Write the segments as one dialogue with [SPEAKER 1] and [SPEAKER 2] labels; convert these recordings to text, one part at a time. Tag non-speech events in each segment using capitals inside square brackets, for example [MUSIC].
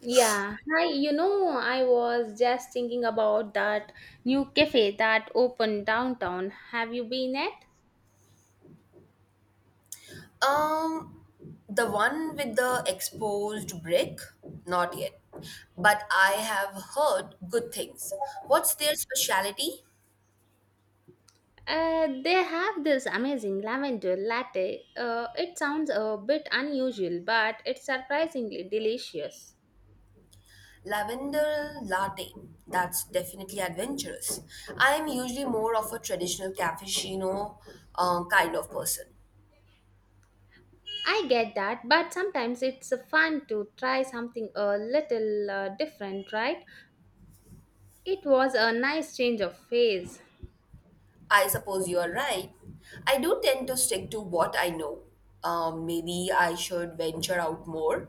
[SPEAKER 1] Yeah, hi. You know, I was just thinking about that new cafe that opened downtown. Have you been at?
[SPEAKER 2] Um, the one with the exposed brick? Not yet. But I have heard good things. What's their specialty?
[SPEAKER 1] They have this amazing lavender latte. It sounds a bit unusual, but it's surprisingly delicious.
[SPEAKER 2] Lavender latte. That's definitely adventurous. I'm usually more of a traditional cappuccino kind of person.
[SPEAKER 1] I get that, but sometimes it's fun to try something a little different, right? It was a nice change of pace.
[SPEAKER 2] I suppose you are right. I do tend to stick to what I know. Maybe I should venture out more.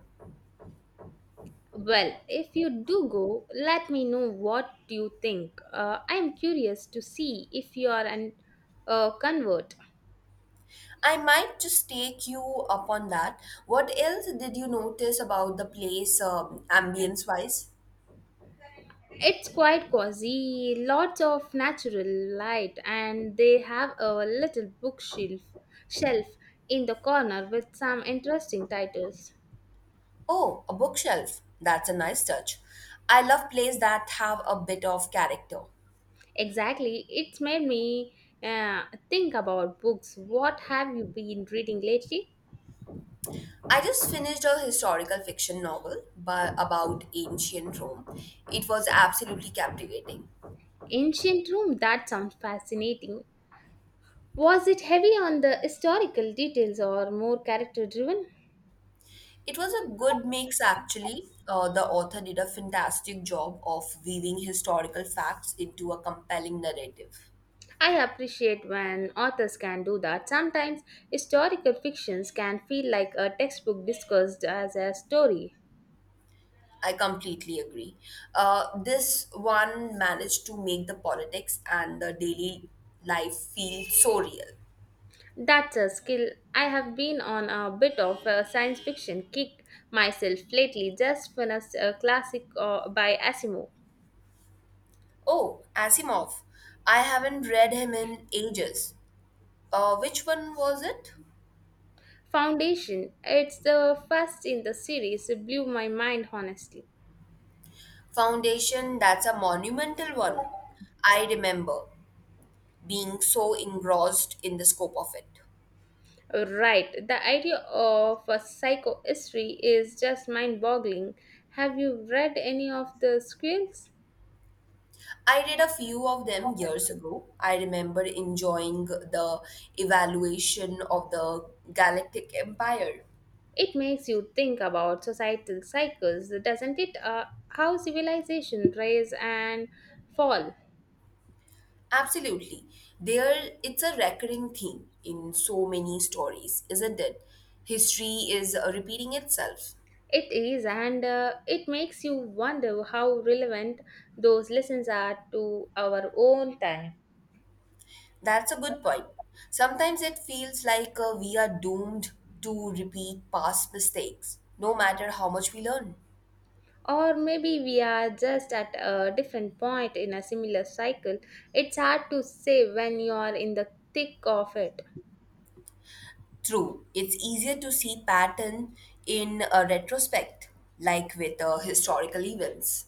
[SPEAKER 1] Well, if you do go, let me know what you think. I'm curious to see if you are an convert.
[SPEAKER 2] I might just take you up on that. What else did you notice about the place, ambience wise?
[SPEAKER 1] It's quite cozy, lots of natural light, and they have a little bookshelf shelf in the corner with some interesting titles.
[SPEAKER 2] Oh, a bookshelf. That's a nice touch. I love plays that have a bit of character.
[SPEAKER 1] Exactly, it's made me uh, think about books. What have you been reading lately?
[SPEAKER 2] I just finished a historical fiction novel by, about ancient Rome. It was absolutely captivating.
[SPEAKER 1] Ancient Rome, that sounds fascinating. Was it heavy on the historical details or more character driven?
[SPEAKER 2] It was a good mix, actually. The author did a fantastic job of weaving historical facts into a compelling narrative.
[SPEAKER 1] I appreciate when authors can do that. Sometimes historical fictions can feel like a textbook discussed as a story.
[SPEAKER 2] I completely agree. This one managed to make the politics and the daily life feel so real.
[SPEAKER 1] That's a skill. I have been on a bit of a science fiction kick myself lately, just finished a classic by Asimov.
[SPEAKER 2] Oh, Asimov. I haven't read him in ages. Which one was it?
[SPEAKER 1] Foundation, it's the first in the series, it blew my mind honestly.
[SPEAKER 2] Foundation, that's a monumental one. I remember being so engrossed in the scope of it.
[SPEAKER 1] Right. The idea of a psychohistory is just mind boggling. Have you read any of the squills?
[SPEAKER 2] I read a few of them years ago. I remember enjoying the evaluation of the Galactic Empire.
[SPEAKER 1] It makes you think about societal cycles, doesn't it? How civilization rise and fall.
[SPEAKER 2] Absolutely. There, it's a recurring theme in so many stories, isn't it? History is repeating itself.
[SPEAKER 1] It is, and it makes you wonder how relevant those lessons are to our own time.
[SPEAKER 2] That's a good point. Sometimes it feels like we are doomed to repeat past mistakes, no matter how much we learn.
[SPEAKER 1] Or maybe we are just at a different point in a similar cycle. It's hard to say when you are in the thick of it.
[SPEAKER 2] True, it's easier to see pattern in a retrospect, like with historical events.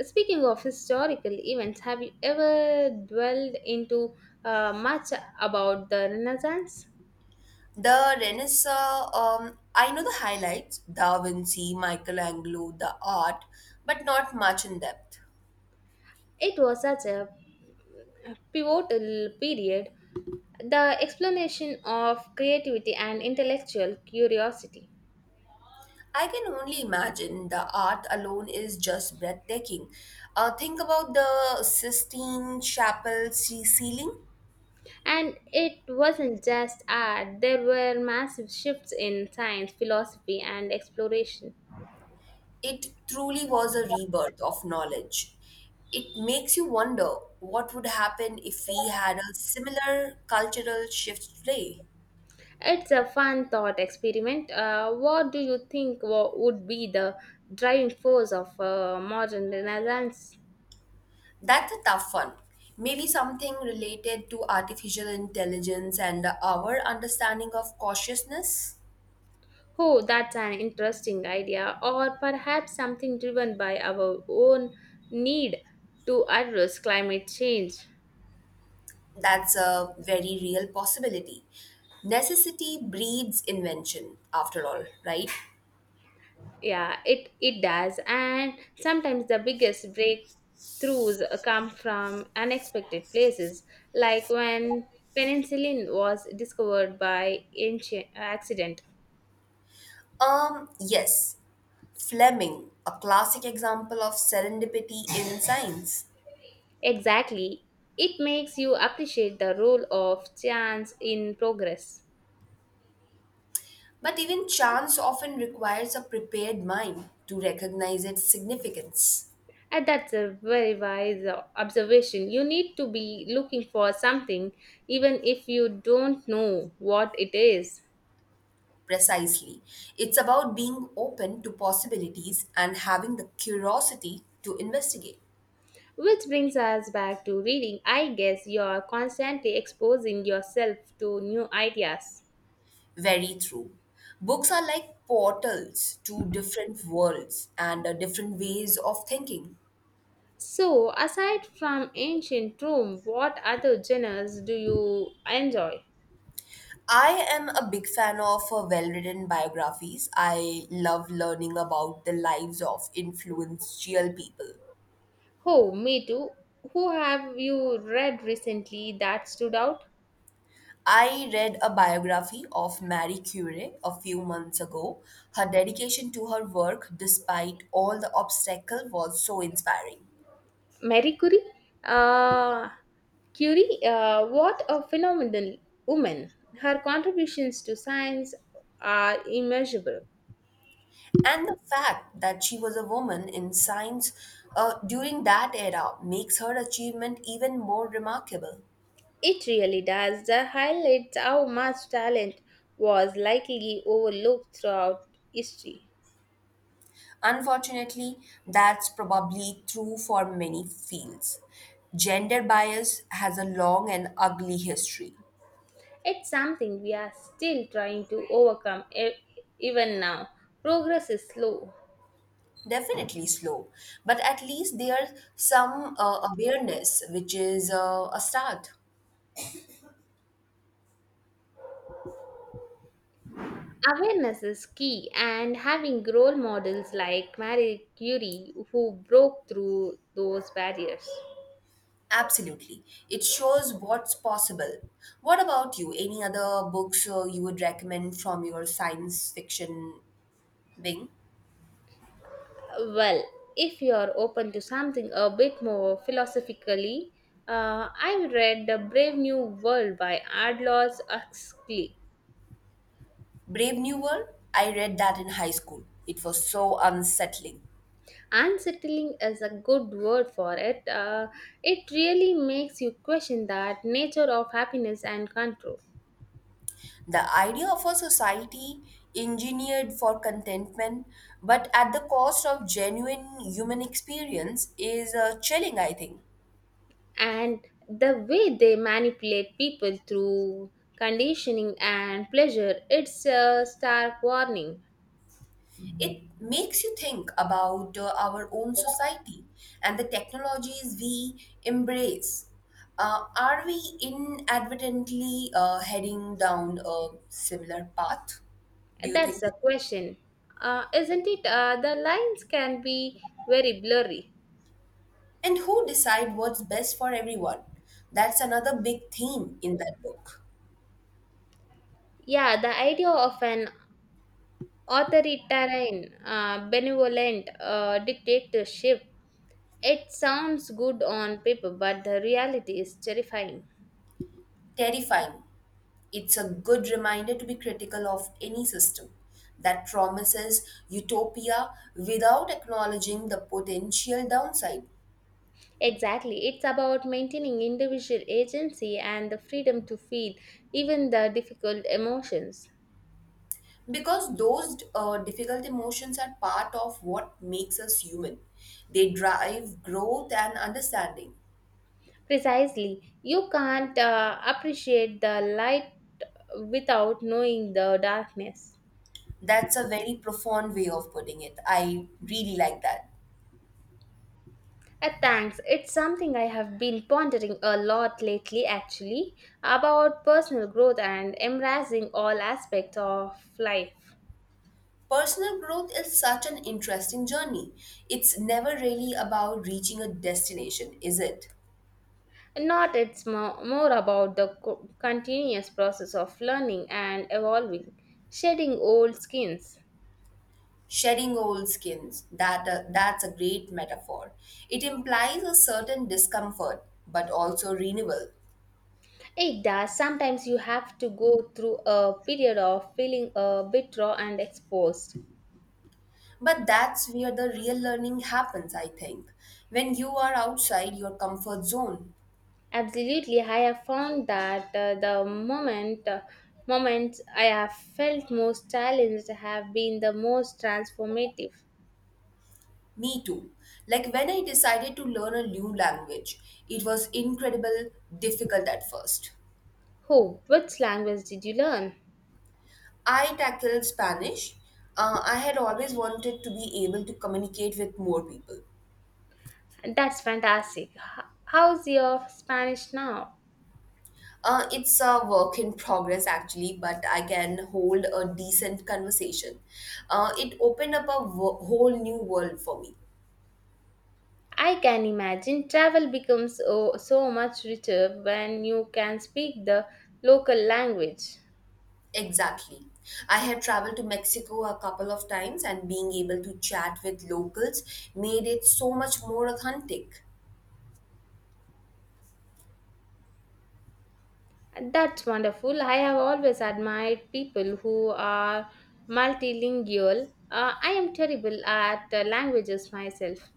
[SPEAKER 1] Speaking of historical events, have you ever dwelled into much about the Renaissance?
[SPEAKER 2] The Renaissance, I know the highlights Da Vinci, Michelangelo, the art, but not much in depth.
[SPEAKER 1] It was such a pivotal period, the explanation of creativity and intellectual curiosity.
[SPEAKER 2] I can only imagine the art alone is just breathtaking. Think about the Sistine Chapel ceiling.
[SPEAKER 1] And it wasn't just art, there were massive shifts in science, philosophy, and exploration.
[SPEAKER 2] It truly was a rebirth of knowledge. It makes you wonder what would happen if we had a similar cultural shift today.
[SPEAKER 1] It's a fun thought experiment. What do you think would be the driving force of modern Renaissance?
[SPEAKER 2] That's a tough one. Maybe something related to artificial intelligence and our understanding of cautiousness.
[SPEAKER 1] Oh, that's an interesting idea, or perhaps something driven by our own need to address climate change.
[SPEAKER 2] That's a very real possibility. Necessity breeds invention, after all, right?
[SPEAKER 1] Yeah, it does, and sometimes the biggest breakthroughs come from unexpected places, like when penicillin was discovered by accident.
[SPEAKER 2] Yes, Fleming, a classic example of serendipity in [LAUGHS] science.
[SPEAKER 1] Exactly, it makes you appreciate the role of chance in progress.
[SPEAKER 2] But even chance often requires a prepared mind to recognize its significance.
[SPEAKER 1] And that's a very wise observation. You need to be looking for something, even if you don't know what it is.
[SPEAKER 2] Precisely. It's about being open to possibilities and having the curiosity to investigate.
[SPEAKER 1] Which brings us back to reading. I guess you're constantly exposing yourself to new ideas.
[SPEAKER 2] Very true. Books are like portals to different worlds and different ways of thinking.
[SPEAKER 1] So, aside from ancient Rome, what other genres do you enjoy?
[SPEAKER 2] I am a big fan of well written biographies. I love learning about the lives of influential people.
[SPEAKER 1] Oh, me too. Who have you read recently that stood out?
[SPEAKER 2] I read a biography of Marie Curie a few months ago. Her dedication to her work, despite all the obstacle, was so inspiring.
[SPEAKER 1] Marie Curie? Uh, Curie, what a phenomenal woman. Her contributions to science are immeasurable.
[SPEAKER 2] And the fact that she was a woman in science during that era makes her achievement even more remarkable.
[SPEAKER 1] It really does. That highlights how much talent was likely overlooked throughout history.
[SPEAKER 2] Unfortunately, that's probably true for many fields. Gender bias has a long and ugly history.
[SPEAKER 1] It's something we are still trying to overcome even now. Progress is slow.
[SPEAKER 2] Definitely slow, but at least there's some awareness, which is a start.
[SPEAKER 1] Awareness is key, and having role models like Marie Curie who broke through those barriers.
[SPEAKER 2] Absolutely. It shows what's possible. What about you? Any other books you would recommend from your science fiction wing?
[SPEAKER 1] Well, if you are open to something a bit more philosophically, I read The Brave New World by Aldous Huxley.
[SPEAKER 2] Brave New World? I read that in high school. It was so unsettling.
[SPEAKER 1] Unsettling is a good word for it. It really makes you question that nature of happiness and control.
[SPEAKER 2] The idea of a society engineered for contentment, but at the cost of genuine human experience, is chilling, I think.
[SPEAKER 1] And the way they manipulate people through conditioning and pleasure, it's a stark warning.
[SPEAKER 2] It makes you think about our own society and the technologies we embrace. Are we inadvertently heading down a similar path? Do you
[SPEAKER 1] That's
[SPEAKER 2] think?
[SPEAKER 1] a question, isn't it? The lines can be very blurry.
[SPEAKER 2] And who decide what's best for everyone? That's another big theme in that book.
[SPEAKER 1] Yeah, the idea of an authoritarian benevolent dictatorship. It sounds good on paper, but the reality is terrifying.
[SPEAKER 2] Terrifying. It's a good reminder to be critical of any system that promises utopia without acknowledging the potential downside.
[SPEAKER 1] Exactly. It's about maintaining individual agency and the freedom to feel even the difficult emotions.
[SPEAKER 2] Because those difficult emotions are part of what makes us human. They drive growth and understanding.
[SPEAKER 1] Precisely. You can't appreciate the light without knowing the darkness.
[SPEAKER 2] That's a very profound way of putting it. I really like that.
[SPEAKER 1] Thanks. It's something I have been pondering a lot lately, actually, about personal growth and embracing all aspects of life.
[SPEAKER 2] Personal growth is such an interesting journey. It's never really about reaching a destination, is it?
[SPEAKER 1] Not, it's more about the continuous process of learning and evolving, shedding old skins.
[SPEAKER 2] Shedding old skins, that's a great metaphor. It implies a certain discomfort, but also renewal.
[SPEAKER 1] It does. Sometimes you have to go through a period of feeling a bit raw and exposed.
[SPEAKER 2] But that's where the real learning happens, I think. When you are outside your comfort zone.
[SPEAKER 1] Absolutely, I have found that the moments I have felt most challenged have been the most transformative.
[SPEAKER 2] Me too. Like when I decided to learn a new language, it was incredible difficult at first.
[SPEAKER 1] Oh, which language did you learn?
[SPEAKER 2] I tackled Spanish. I had always wanted to be able to communicate with more people.
[SPEAKER 1] That's fantastic. How's your Spanish now?
[SPEAKER 2] It's a work in progress actually, but I can hold a decent conversation. It opened up a whole new world for me.
[SPEAKER 1] I can imagine travel becomes, oh, so much richer when you can speak the local language.
[SPEAKER 2] Exactly. I had traveled to Mexico a couple of times, and being able to chat with locals made it so much more authentic.
[SPEAKER 1] That's wonderful. I have always admired people who are multilingual. I am terrible at languages myself.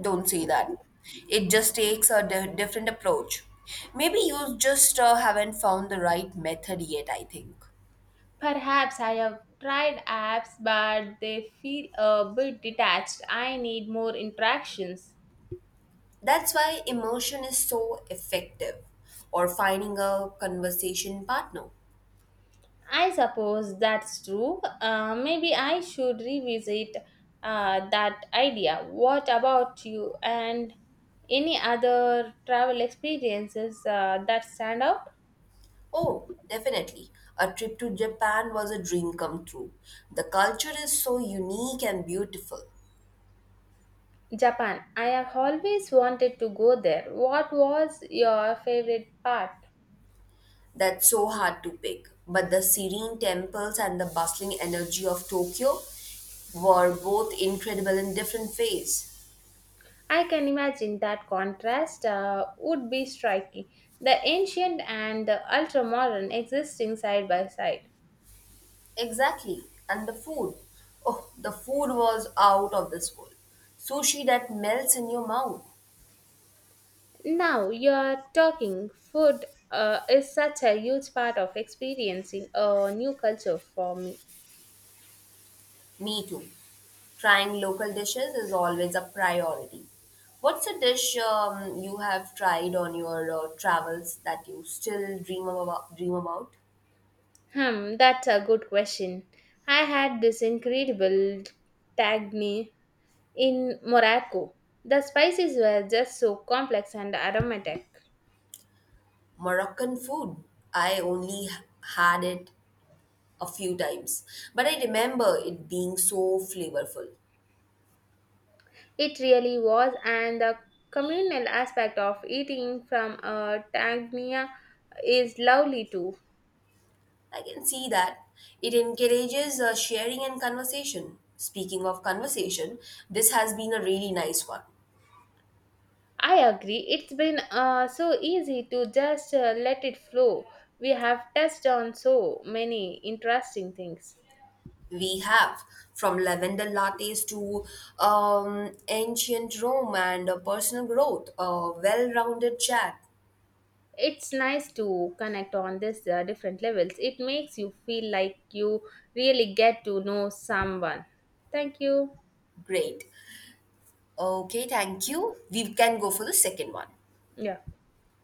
[SPEAKER 2] Don't say that. It just takes a different approach. Maybe you just haven't found the right method yet, I think.
[SPEAKER 1] Perhaps I have tried apps, but they feel a bit detached. I need more interactions.
[SPEAKER 2] That's why immersion is so effective, or finding a conversation partner.
[SPEAKER 1] I suppose that's true. Maybe I should revisit that idea. What about you, and any other travel experiences that stand out?
[SPEAKER 2] Oh, definitely. A trip to Japan was a dream come true. The culture is so unique and beautiful.
[SPEAKER 1] Japan. I have always wanted to go there. What was your favorite part?
[SPEAKER 2] That's so hard to pick. But the serene temples and the bustling energy of Tokyo were both incredible in different ways.
[SPEAKER 1] I can imagine that contrast would be striking. The ancient and the ultra modern existing side by side.
[SPEAKER 2] Exactly. And the food. Oh, the food was out of this world. Sushi that melts in your mouth.
[SPEAKER 1] Now you're talking. Food is such a huge part of experiencing a new culture for me.
[SPEAKER 2] Me too. Trying local dishes is always a priority. What's a dish you have tried on your travels that you still dream about?
[SPEAKER 1] Hmm, that's a good question. I had this incredible tagne in Morocco. The spices were just so complex and aromatic.
[SPEAKER 2] Moroccan food. I only had it a few times, but I remember it being so flavorful.
[SPEAKER 1] It really was, and the communal aspect of eating from a tagnia is lovely too.
[SPEAKER 2] I can see that it encourages sharing and conversation. Speaking of conversation, this has been a really nice one.
[SPEAKER 1] I agree. It's been so easy to just let it flow. We have touched on so many interesting things.
[SPEAKER 2] We have from lavender lattes to ancient Rome and personal growth, a well rounded chat.
[SPEAKER 1] It's nice to connect on this different levels. It makes you feel like you really get to know someone. Thank you.
[SPEAKER 2] Great. Okay, thank you. We can go for the second one.
[SPEAKER 1] Yeah.